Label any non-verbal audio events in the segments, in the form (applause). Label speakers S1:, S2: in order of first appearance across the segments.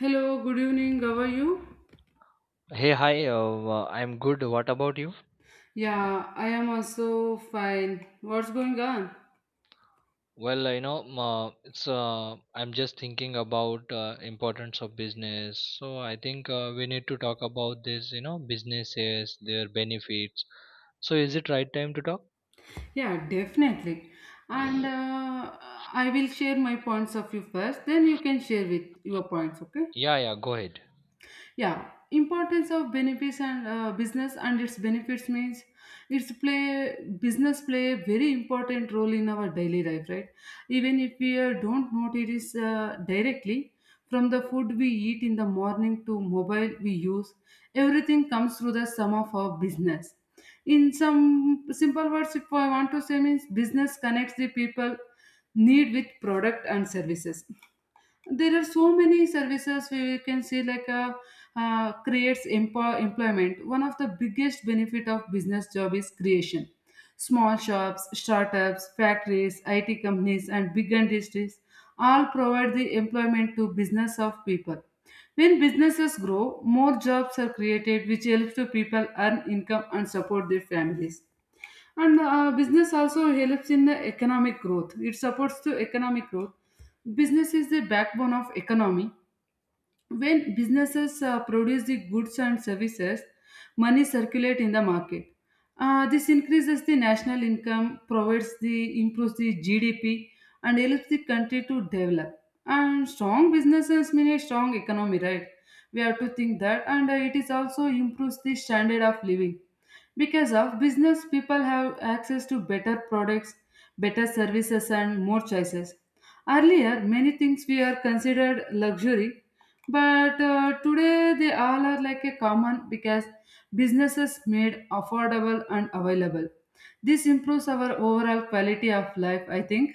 S1: Hello, good evening. How are you?
S2: Hey, hi. I'm good. What about you?
S1: Yeah, I am also fine. What's going on?
S2: Well, you know, m- it's I'm just thinking about importance of business. So I think we need to talk about this. You know, businesses, their benefits. So is it right time to talk?
S1: Yeah, definitely. And I will share my points of view first, then you can share with your points, okay?
S2: Yeah, yeah. Go ahead.
S1: Yeah, importance of benefits and business and its benefits means it's play business play a very important role in our daily life, right? Even if we don't notice directly, from the food we eat in the morning to mobile we use, everything comes through the sum of our business. In some simple words, if I want to say, means business connects the people need with product and services. There are so many services where we can see like a employment. One of the biggest benefit of business job is creation. Small shops, startups, factories, IT companies, and big industries all provide the employment to business of people. When businesses grow, more jobs are created, which helps to people earn income and support their families. And business also helps in the economic growth. It supports the economic growth. Business is the backbone of economy. When businesses produce the goods and services, money circulate in the market. This increases the national income, provides the improves the GDP, and helps the country to develop. And strong businesses mean a strong economy, right? We have to think that, and it is also improves the standard of living. Because of business, people have access to better products, better services, and more choices. Earlier, many things we are considered luxury, but today they all are like a common because businesses made affordable and available. This improves our overall quality of life, I think.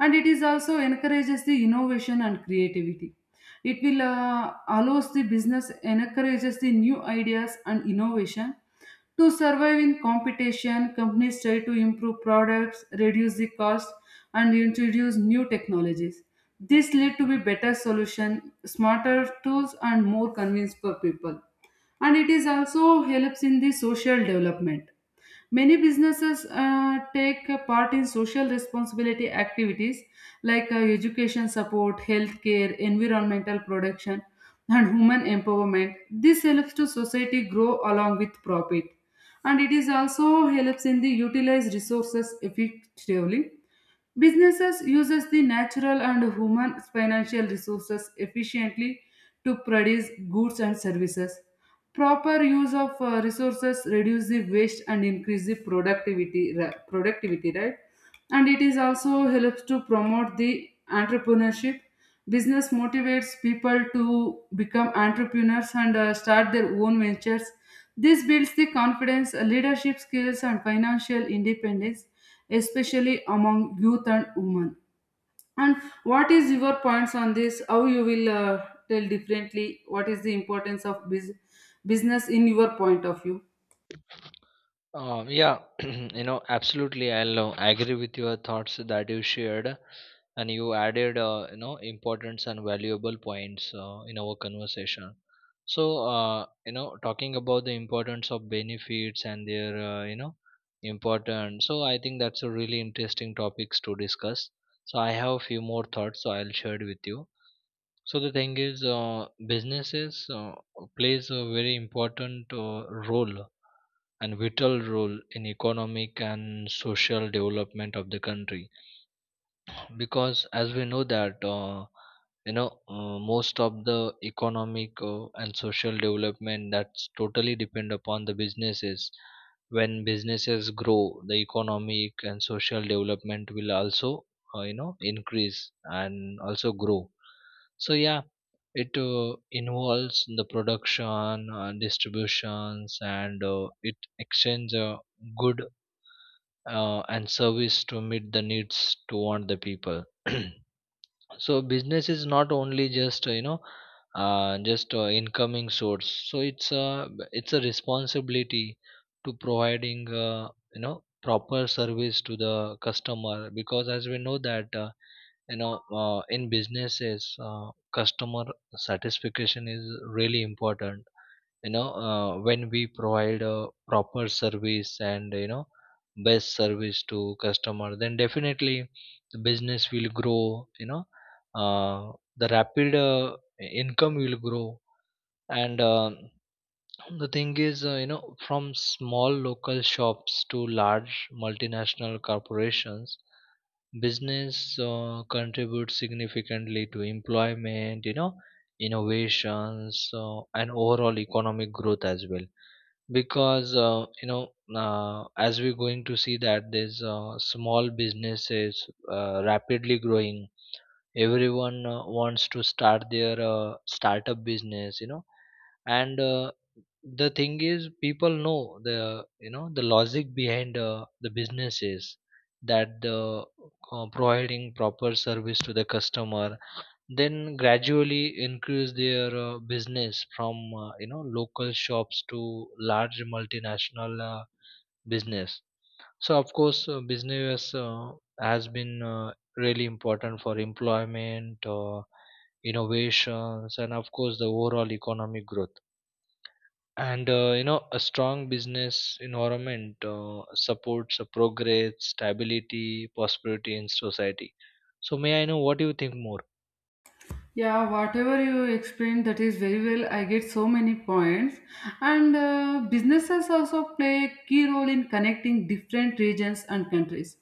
S1: And it is also encourages the innovation and creativity. It will allows the business encourages the new ideas and innovation. To survive in competition, companies try to improve products, reduce the cost, and introduce new technologies. This lead to be better solution, smarter tools, and more convenience for people. And it is also helps in the social development. Many businesses take a part in social responsibility activities like education support, healthcare, environmental protection, and human empowerment. This helps to society grow along with profit, and it is also helps in the utilize resources effectively. Businesses uses the natural and human financial resources efficiently to produce goods and services. Proper use of resources reduce the waste and increase the productivity, right? And it is also helps to promote the entrepreneurship. Business motivates people to become entrepreneurs and start their own ventures. This builds the confidence, leadership skills, and financial independence, especially among youth and women. And what is your points on this? How you will tell differently what is the importance of business in your point of view?
S2: Yeah, (clears throat) you know, absolutely. I'll agree with your thoughts that you shared, and you added, importance and valuable points in our conversation. So, talking about the importance of benefits and their, importance. So, I think that's a really interesting topics to discuss. So, I have a few more thoughts. So, I'll share it with you. So the thing is, businesses plays a very important role and vital role in economic and social development of the country because as we know that most of the economic and social development that's totally depend upon the businesses. When businesses grow, the economic and social development will also increase and also grow. So yeah, it involves the production, distributions, and it exchange good and service to meet the needs to want the people. (clears throat) So business is not only just incoming source. So it's a responsibility to providing proper service to the customer, because as we know that. You know in businesses, customer satisfaction is really important, you know. When we provide a proper service, and you know, best service to customer, then definitely the business will grow, you know. uh, the rapid income will grow. And The thing is, from small local shops to large multinational corporations, business contributes significantly to employment, you know, innovations, and overall economic growth as well. Because as we're going to see that there's small businesses rapidly growing. Everyone wants to start their startup business, you know. And The thing is, people know the, you know, the logic behind the business is that the providing proper service to the customer, then gradually increase their business from, local shops to large multinational business. So of course, business has been really important for employment, innovations, and of course the overall economic growth. And you know, a strong business environment supports a progress, stability, prosperity in society. So may I know what you think more?
S1: Yeah, whatever you explained, that is very well. I get so many points. And businesses also play a key role in connecting different regions and countries.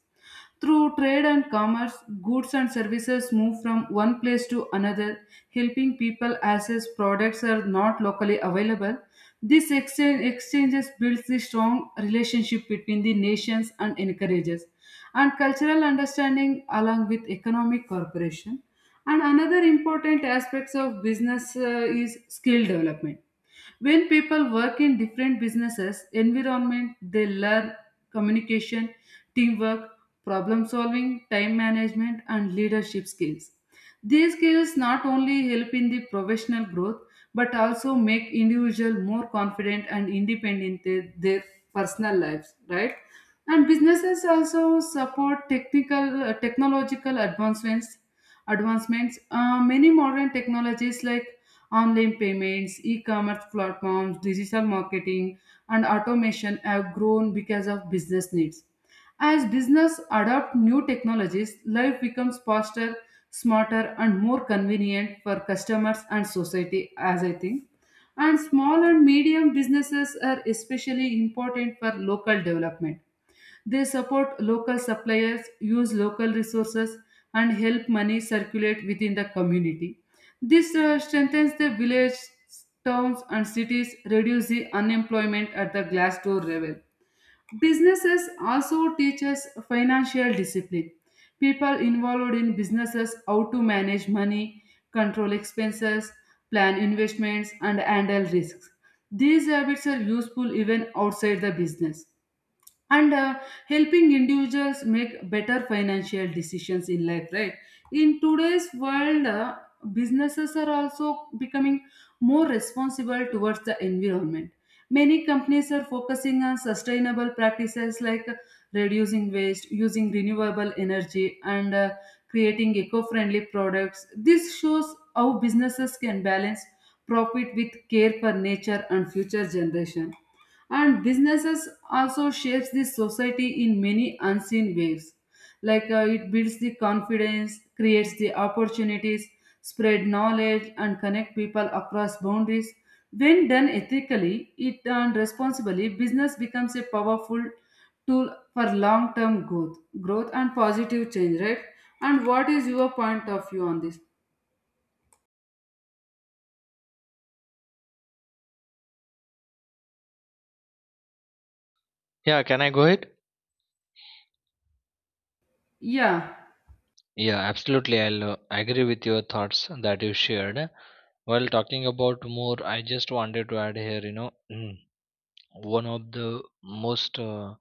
S1: Through trade and commerce, goods and services move from one place to another, helping people access products are not locally available. This exchange exchanges builds the strong relationship between the nations and encourages and cultural understanding along with economic cooperation. And another important aspects of business is skill development. When people work in different businesses environment, they learn communication, teamwork, problem solving, time management, and leadership skills. These skills not only help in the professional growth but also make individual more confident and independent in their personal lives, right? And businesses also support technical technological advancements. Many modern technologies like online payments, e commerce platforms, digital marketing, and automation have grown because of business needs. As business adopt new technologies, life becomes faster, smarter, and more convenient for customers and society, as I think. And small and medium businesses are especially important for local development. They support local suppliers, use local resources, and help money circulate within the community. This strengthens the village, towns, and cities, reduce the unemployment at the glassdoor level. Businesses also teach us financial discipline. People involved in businesses how to manage money, control expenses, plan investments, and handle risks. These habits are useful even outside the business, and helping individuals make better financial decisions in life, right? In today's world, businesses are also becoming more responsible towards the environment. Many companies are focusing on sustainable practices like reducing waste, using renewable energy, and creating eco-friendly products. This shows how businesses can balance profit with care for nature and future generation. And businesses also shapes the society in many unseen ways, like it builds the confidence, creates the opportunities, spread knowledge, and connect people across boundaries. When done ethically it and responsibly, business becomes a powerful tool for long term growth and positive change, right? And what is your point of view on this?
S2: Yeah, can I go ahead?
S1: Yeah.
S2: Yeah, absolutely. I'll agree with your thoughts that you shared. While talking about more, I just wanted to add here, you know. (clears throat) One of the most uh,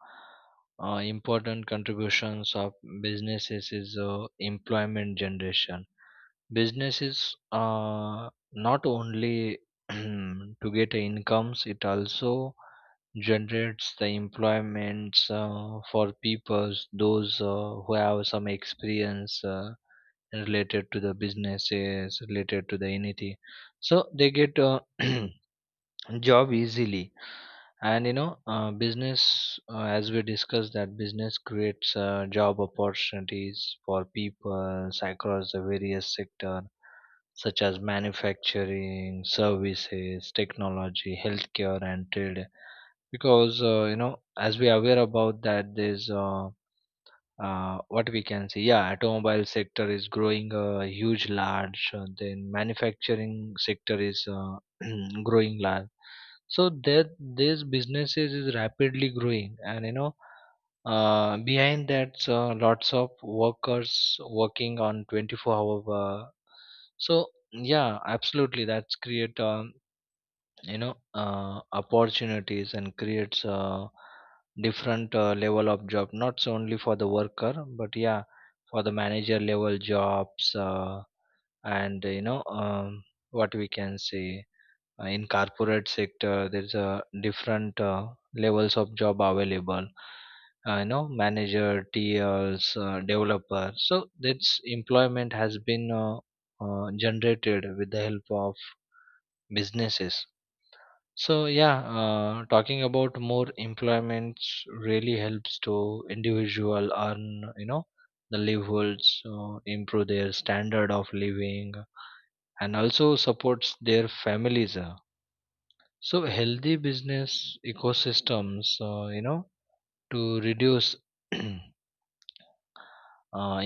S2: uh, important contributions of businesses is employment generation. Businesses not only (clears throat) to get incomes, it also generates the employments for people, those who have some experience related to the businesses, related to the anything, so they get (clears throat) job easily. And you know, business, as we discussed that, business creates job opportunities for people across the various sector, such as manufacturing, services, technology, healthcare, and trade. Because as we are aware about that there's what we can see, yeah, automobile sector is growing huge large, then manufacturing sector is (clears throat) growing large. So that these businesses is rapidly growing, and you know, behind that lots of workers working on 24 hour. So yeah, absolutely that's create opportunities, and creates a different level of job, not so only for the worker, but yeah, for the manager level jobs. And you know, what we can say, in corporate sector there's a different levels of job available, you know, manager, tls, developer. So that's employment has been generated with the help of businesses. So yeah, talking about more employment, really helps to individual earn, you know, the livelihoods, improve their standard of living, and also supports their families. So healthy business ecosystems, you know, to reduce (clears throat) uh,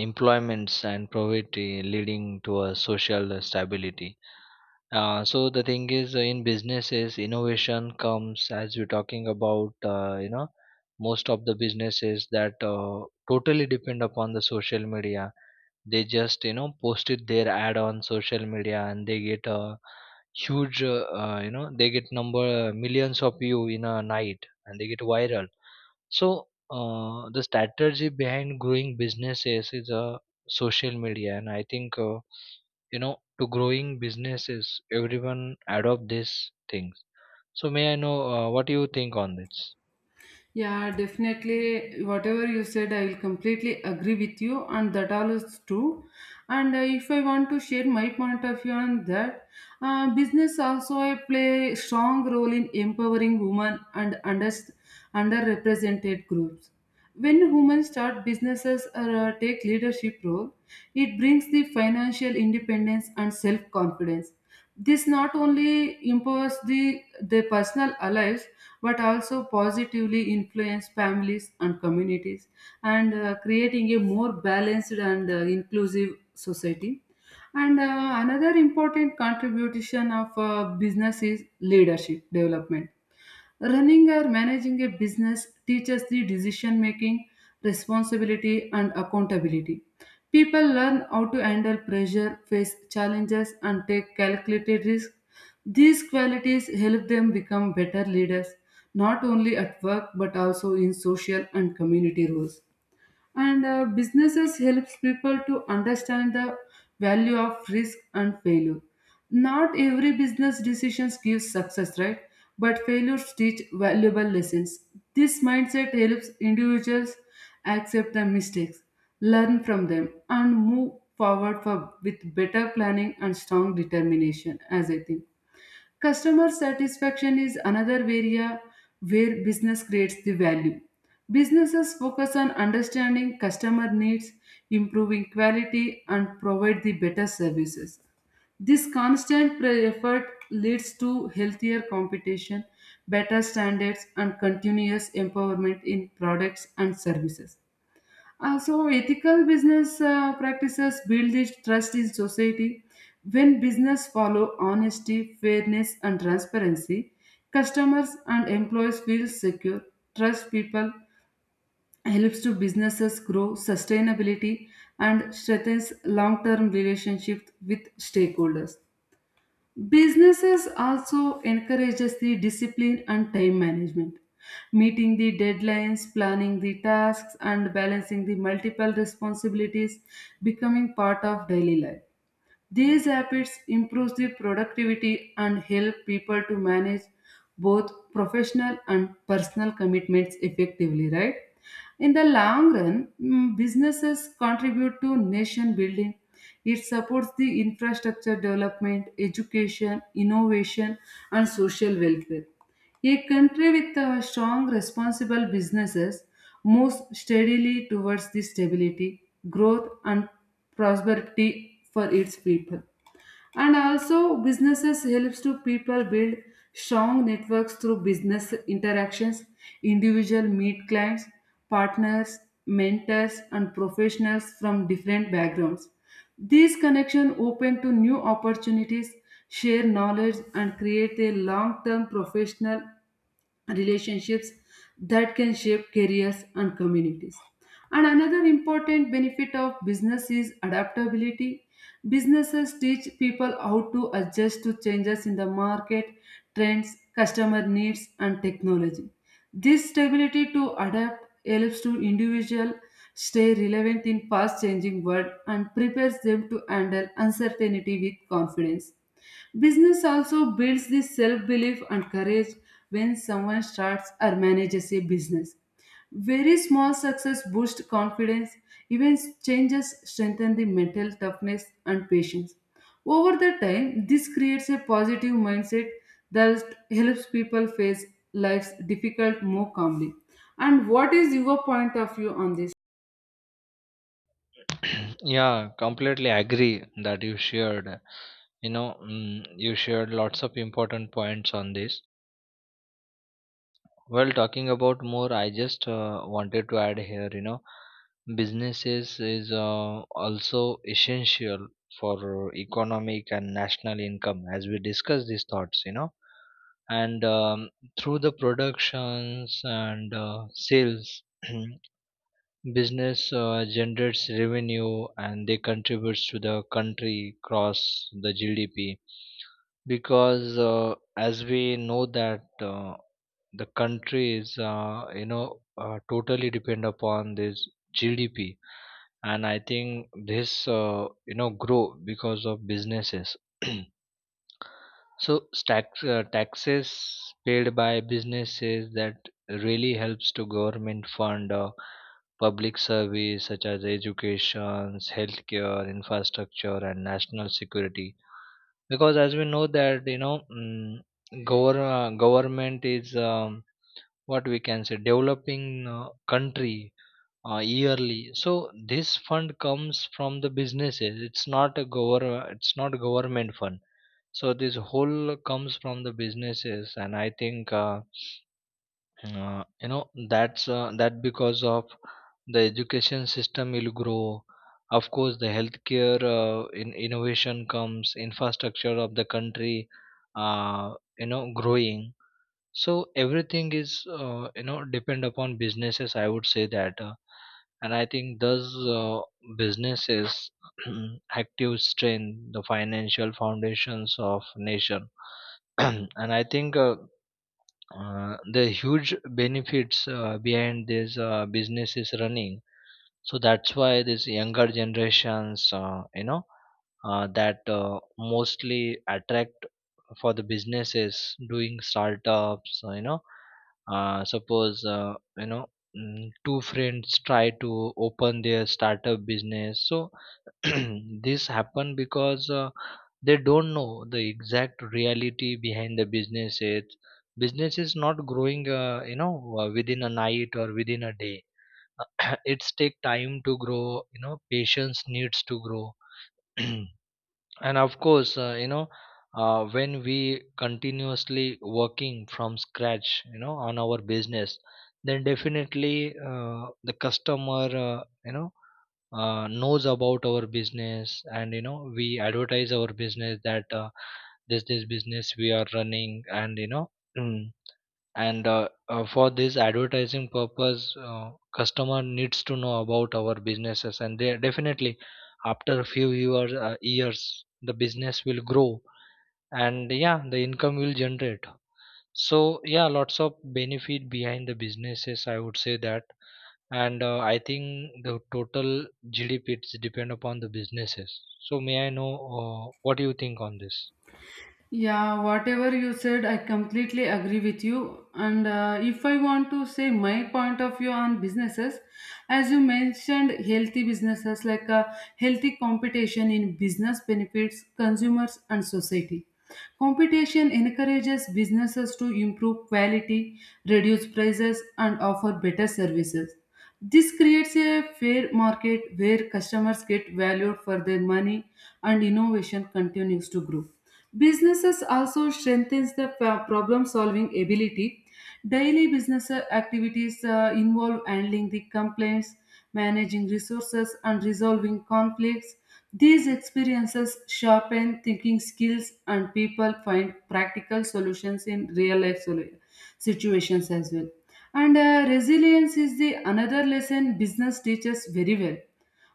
S2: employments and poverty, leading to a social stability. So the thing is, in businesses, innovation comes, as we're talking about. You know, most of the businesses that totally depend upon the social media. They just, you know, posted their ad on social media, and they get a huge. You know, they get number millions of view in a night, and they get viral. So the strategy behind growing businesses is social media, and I think. You know, to growing businesses, everyone adopt these things. So may I know what you think on this?
S1: Yeah, definitely. Whatever you said, I will completely agree with you, and that all is true. And if I want to share my point of view on that, business also I play strong role in empowering women and underrepresented groups. When women start businesses or take leadership role, it brings the financial independence and self confidence. This not only improves their personal lives but also positively influence families and communities, and creating a more balanced and inclusive society. And another important contribution of business is leadership development. Running or managing a business teaches the decision making, responsibility, and accountability. People learn how to handle pressure, face challenges, and take calculated risks. These qualities help them become better leaders, not only at work but also in social and community roles. And businesses helps people to understand the value of risk and failure. Not every business decisions gives success, right? But failures teach valuable lessons. This mindset helps individuals accept their mistakes, learn from them, and move forward with better planning and strong determination, as I think. Customer satisfaction is another area where business creates the value. Businesses focus on understanding customer needs, improving quality, and provide the better services. This effort leads to healthier competition, better standards, and continuous empowerment in products and services. So, ethical business practices build this trust in society. When business follow honesty, fairness, and transparency, customers and employees feel secure, trust people, helps to businesses grow sustainability, and strengthens long-term relationships with stakeholders. Businesses also encourages the discipline and time management. Meeting the deadlines, planning the tasks, and balancing the multiple responsibilities becoming part of daily life. These habits improve the productivity and help people to manage both professional and personal commitments effectively, right? In the long run, businesses contribute to nation building. It supports the infrastructure development, education, innovation, and social welfare. A country with strong, responsible businesses moves steadily towards the stability, growth, and prosperity for its people. And also businesses helps to people build strong networks through business interactions. Individual meet clients, partners, mentors, and professionals from different backgrounds. These connections open to new opportunities, share knowledge, and create a long-term professional relationships that can shape careers and communities. And another important benefit of business is adaptability. Businesses teach people how to adjust to changes in the market, trends, customer needs, and technology. This stability to adapt helps to individual stay relevant in fast changing world and prepares them to handle uncertainty with confidence. Business also builds the self belief and courage when someone starts or manages a business. Very small success boosts confidence, even changes strengthen the mental toughness and patience. Over the time, this creates a positive mindset that helps people face life's difficult more calmly. And what is your point of view on this?
S2: (clears throat) Yeah, completely agree that you shared, you know. Mm, you shared lots of important points on this. Well, talking about more, I just wanted to add here, you know, businesses is also essential for economic and national income, as we discuss these thoughts, you know. And Through the productions and sales, (clears throat) business generates revenue, and they contributes to the country across the GDP. Because as we know that the country is totally depend upon this GDP, and I think this grow because of businesses. (clears throat) So tax, taxes paid by businesses, that really helps to government fund public service such as education, healthcare, infrastructure, and national security. Because as we know that, you know, mm, government is, what we can say, developing country yearly. So this fund comes from the businesses, it's not a it's not government fund. So this whole comes from the businesses, and I think, that's that because of the education system will grow. Of course the healthcare, in innovation comes, infrastructure of the country, uh, growing. So everything is, depend upon businesses, I would say that. And I think those uh, businesses (clears throat) active strength the financial foundations of nation. (clears throat) And I think, the huge benefits behind this business is running. So that's why this younger generations, that mostly attract for the businesses, doing startups, suppose, mm, two friends try to open their startup business. So (clears throat) this happen because they don't know the exact reality behind the business. It's business is not growing, within a night or within a day. (clears throat) It's take time to grow, you know, patience needs to grow. (clears throat) And of course, when we continuously working from scratch, you know, on our business, then definitely the customer, knows about our business, and you know, we advertise our business, that this business we are running, and you know, mm, and for this advertising purpose, customer needs to know about our businesses, and they definitely, after a few years, years the business will grow, and yeah, the income will generate. So yeah, lots of benefit behind the businesses, I would say that. And I think the total GDP it's depend upon the businesses. So may I know what do you think on this?
S1: Yeah, whatever you said, I completely agree with you. And if I want to say my point of view on businesses, as you mentioned, healthy businesses like a healthy competition in business benefits consumers and society. Competition encourages businesses to improve quality, reduce prices, and offer better services. This creates a fair market where customers get valued for their money and innovation continues to grow. Businesses also strengthens the problem solving ability. Daily business activities involve handling the complaints, managing resources, and resolving conflicts. These experiences sharpen thinking skills, and people find practical solutions in real life situations as well. And resilience is the another lesson business teaches very well.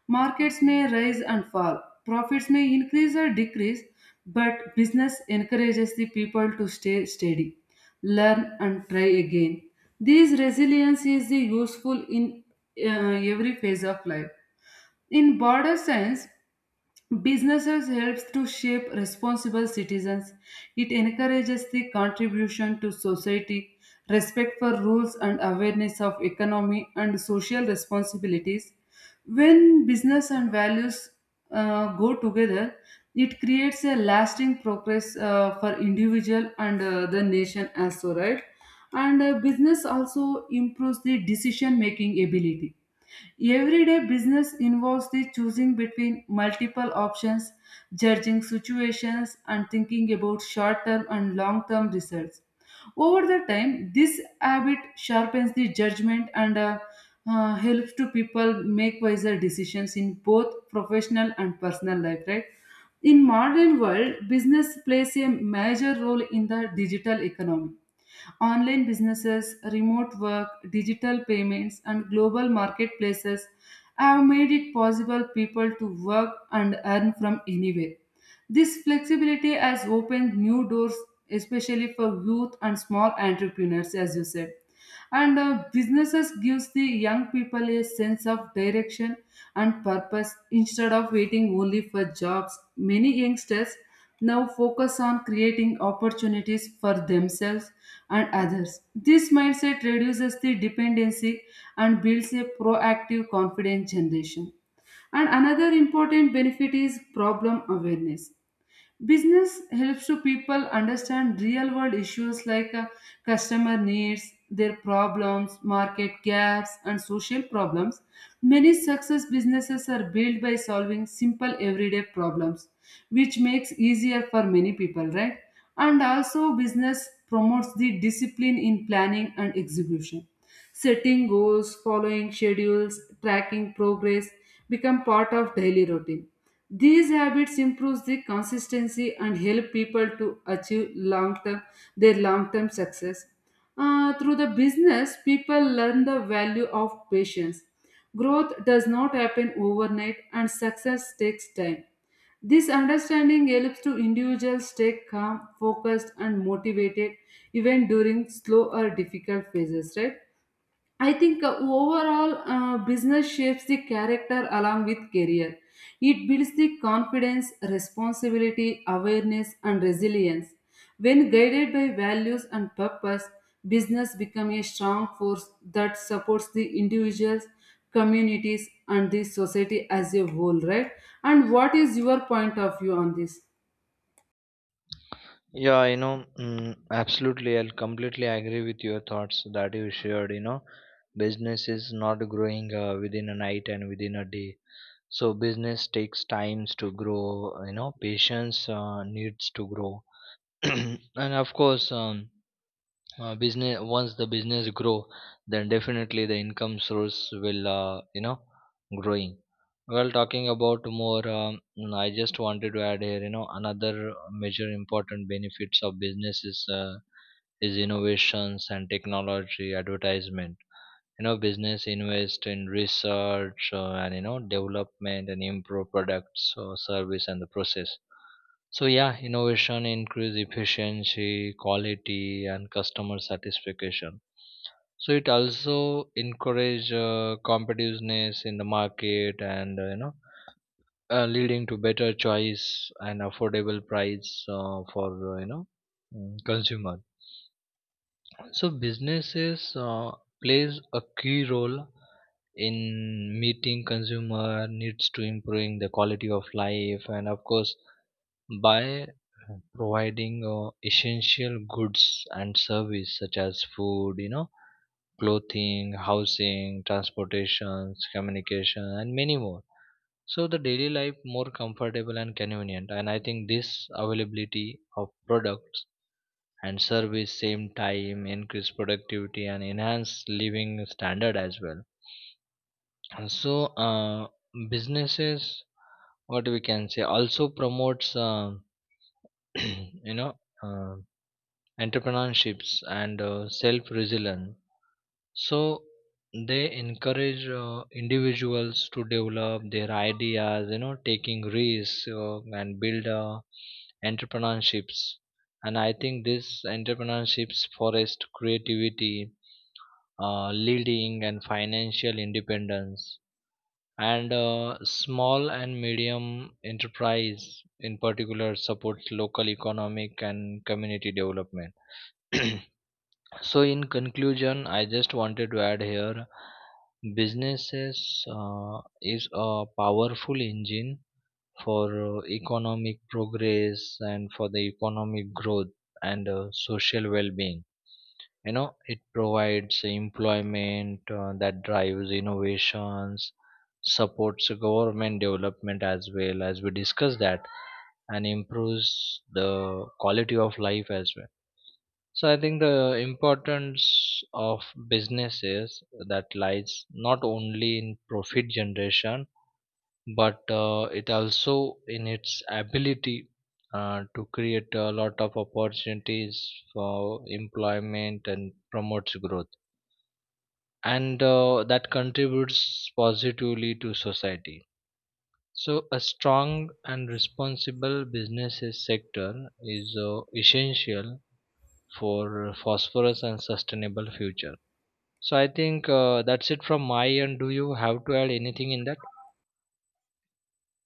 S1: Markets may rise and fall, profits may increase or decrease, but business encourages the people to stay steady, learn, and try again. This resilience is useful in every phase of life. In border science, businesses helps to shape responsible citizens. It encourages the contribution to society, respect for rules, and awareness of economy and social responsibilities. When business and values go together, it creates a lasting progress for individual and the nation as so, right. And Business also improves the decision making ability. Everyday business involves the choosing between multiple options, judging situations, and thinking about short term and long term results. Over the time, this habit sharpens the judgment and helps to people make wiser decisions in both professional and personal life, right? In modern world, business plays a major role in the digital economy. Online businesses, remote work, digital payments, and global marketplaces have made it possible people to work and earn from anywhere. This flexibility has opened new doors, especially for youth and small entrepreneurs, as you said. And Businesses gives the young people a sense of direction and purpose instead of waiting only for jobs. Many youngsters now focus on creating opportunities for themselves and others. This mindset reduces the dependency and builds a proactive, confident generation. And another important benefit is problem awareness. Business helps to people understand real world issues like customer needs, their problems, market gaps, and social problems. Many success businesses are built by solving simple everyday problems, which makes easier for many people, right? And also business promotes the discipline in planning and execution. Setting goals, following schedules, tracking progress become part of daily routine. These habits improve the consistency and help people to achieve long term their long term success. Through the business, people learn the value of patience. Growth does not happen overnight and success takes time. This understanding helps to individuals stay calm, focused, and motivated even during slow or difficult phases, right? I think overall business shapes the character along with career. It builds the confidence, responsibility, awareness, and resilience. When guided by values and purpose, business becomes a strong force that supports the individuals, communities, and the society as a whole, right? And what is your point of view on this?
S2: Yeah, you know, mm, absolutely. I'll completely agree with your thoughts that you shared. You know, business is not growing within a night and within a day. So business takes times to grow. You know, patience needs to grow, (clears throat) and of course, business, once the business grow, then definitely the income source will growing. Well, talking about more, mm, I just wanted to add here, you know, another major important benefits of business is innovations and technology advertisement. You know, business invest in research and, you know, development, and improve products or service and the process. So yeah, innovation increase efficiency, quality, and customer satisfaction. So it also encourage competitiveness in the market, and leading to better choice and affordable price for you know mm, consumer. So businesses plays a key role in meeting consumer needs to improving the quality of life, and of course, by providing essential goods and service such as food, you know, clothing, housing, transportations, communication, and many more. So the daily life more comfortable and convenient. And I think this availability of products and service same time increase productivity and enhance living standard as well. And so businesses, what we can say, also promotes (clears throat) you know uh, entrepreneurships and self resilience. So they encourage individuals to develop their ideas, you know, taking risks and build entrepreneurships. And I think this entrepreneurships forest creativity, leading and financial independence. And small and medium enterprise in particular supports local economic and community development. (clears throat) So, in conclusion, I just wanted to add here, businesses is a powerful engine for economic progress and for the economic growth, and social well being. You know, it provides employment that drives innovations, supports government development as well, as we discussed that, and improves the quality of life as well. So I think the importance of businesses that lies not only in profit generation, but it also in its ability to create a lot of opportunities for employment and promotes growth, and that contributes positively to society. So a strong and responsible businesses sector is essential for phosphorus and sustainable future. So I think that's it from my end. Do you have to add anything in that?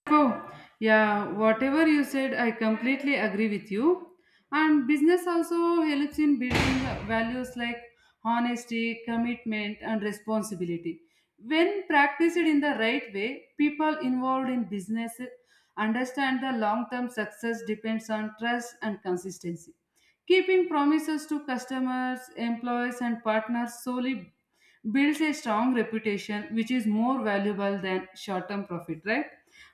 S1: Oh, yeah, whatever you said, I completely agree with you. And business also helps in building values like honesty, commitment, and responsibility. When practiced in the right way, people involved in business understand the long term success depends on trust and consistency. Keeping promises to customers, employees, and partners solely builds a strong reputation, which is more valuable than short term profit, right?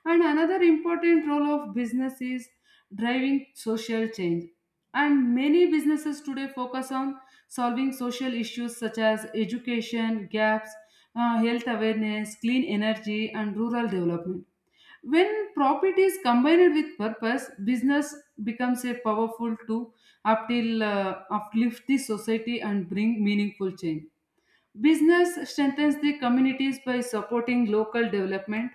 S1: And another important role of business is driving social change. And many businesses today focus on solving social issues such as education gaps, health awareness, clean energy, and rural development. When profit is combined with purpose, business becomes a powerful tool up till uplift the society and bring meaningful change. Business strengthens the communities by supporting local development.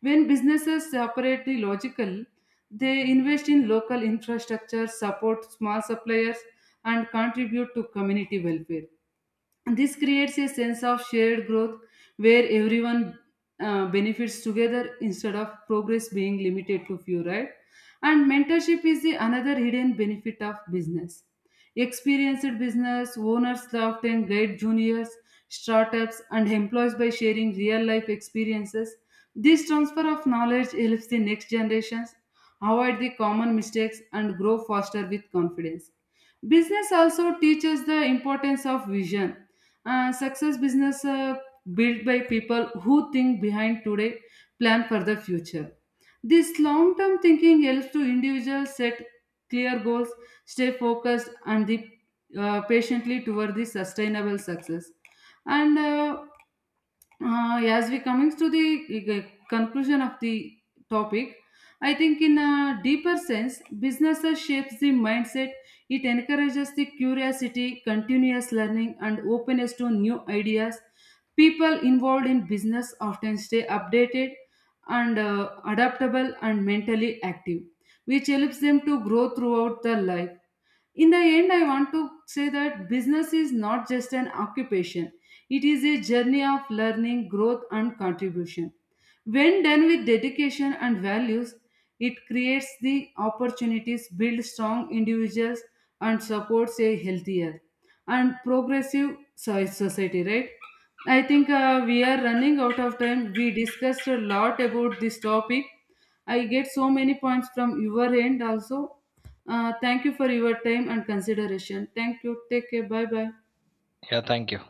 S1: When businesses operate the logical, they invest in local infrastructure, support small suppliers, and contribute to community welfare. This creates a sense of shared growth where everyone benefits together instead of progress being limited to few, right? And mentorship is the another hidden benefit of business. Experienced business owners often guide juniors, startups and employees by sharing real life experiences. This transfer of knowledge helps the next generations avoid the common mistakes and grow faster with confidence. Business also teaches the importance of vision. Success business built by people who think behind today, plan for the future. This long term thinking helps to individuals set clear goals, stay focused, and the, patiently toward the sustainable success. And As we coming to the conclusion of the topic, I think in a deeper sense, businesses shapes the mindset. It encourages the curiosity, continuous learning, and openness to new ideas. People involved in business often stay updated and adaptable and mentally active, which helps them to grow throughout their life. In the end, I want to say that business is not just an occupation, it is a journey of learning, growth, and contribution. When done with dedication and values, it creates the opportunities, builds strong individuals, and supports a healthier and progressive society, right? I think we are running out of time. We discussed a lot about this topic. I get so many points from your end also. Thank you for your time and consideration. Thank you. Take care. Bye bye.
S2: Yeah, thank you.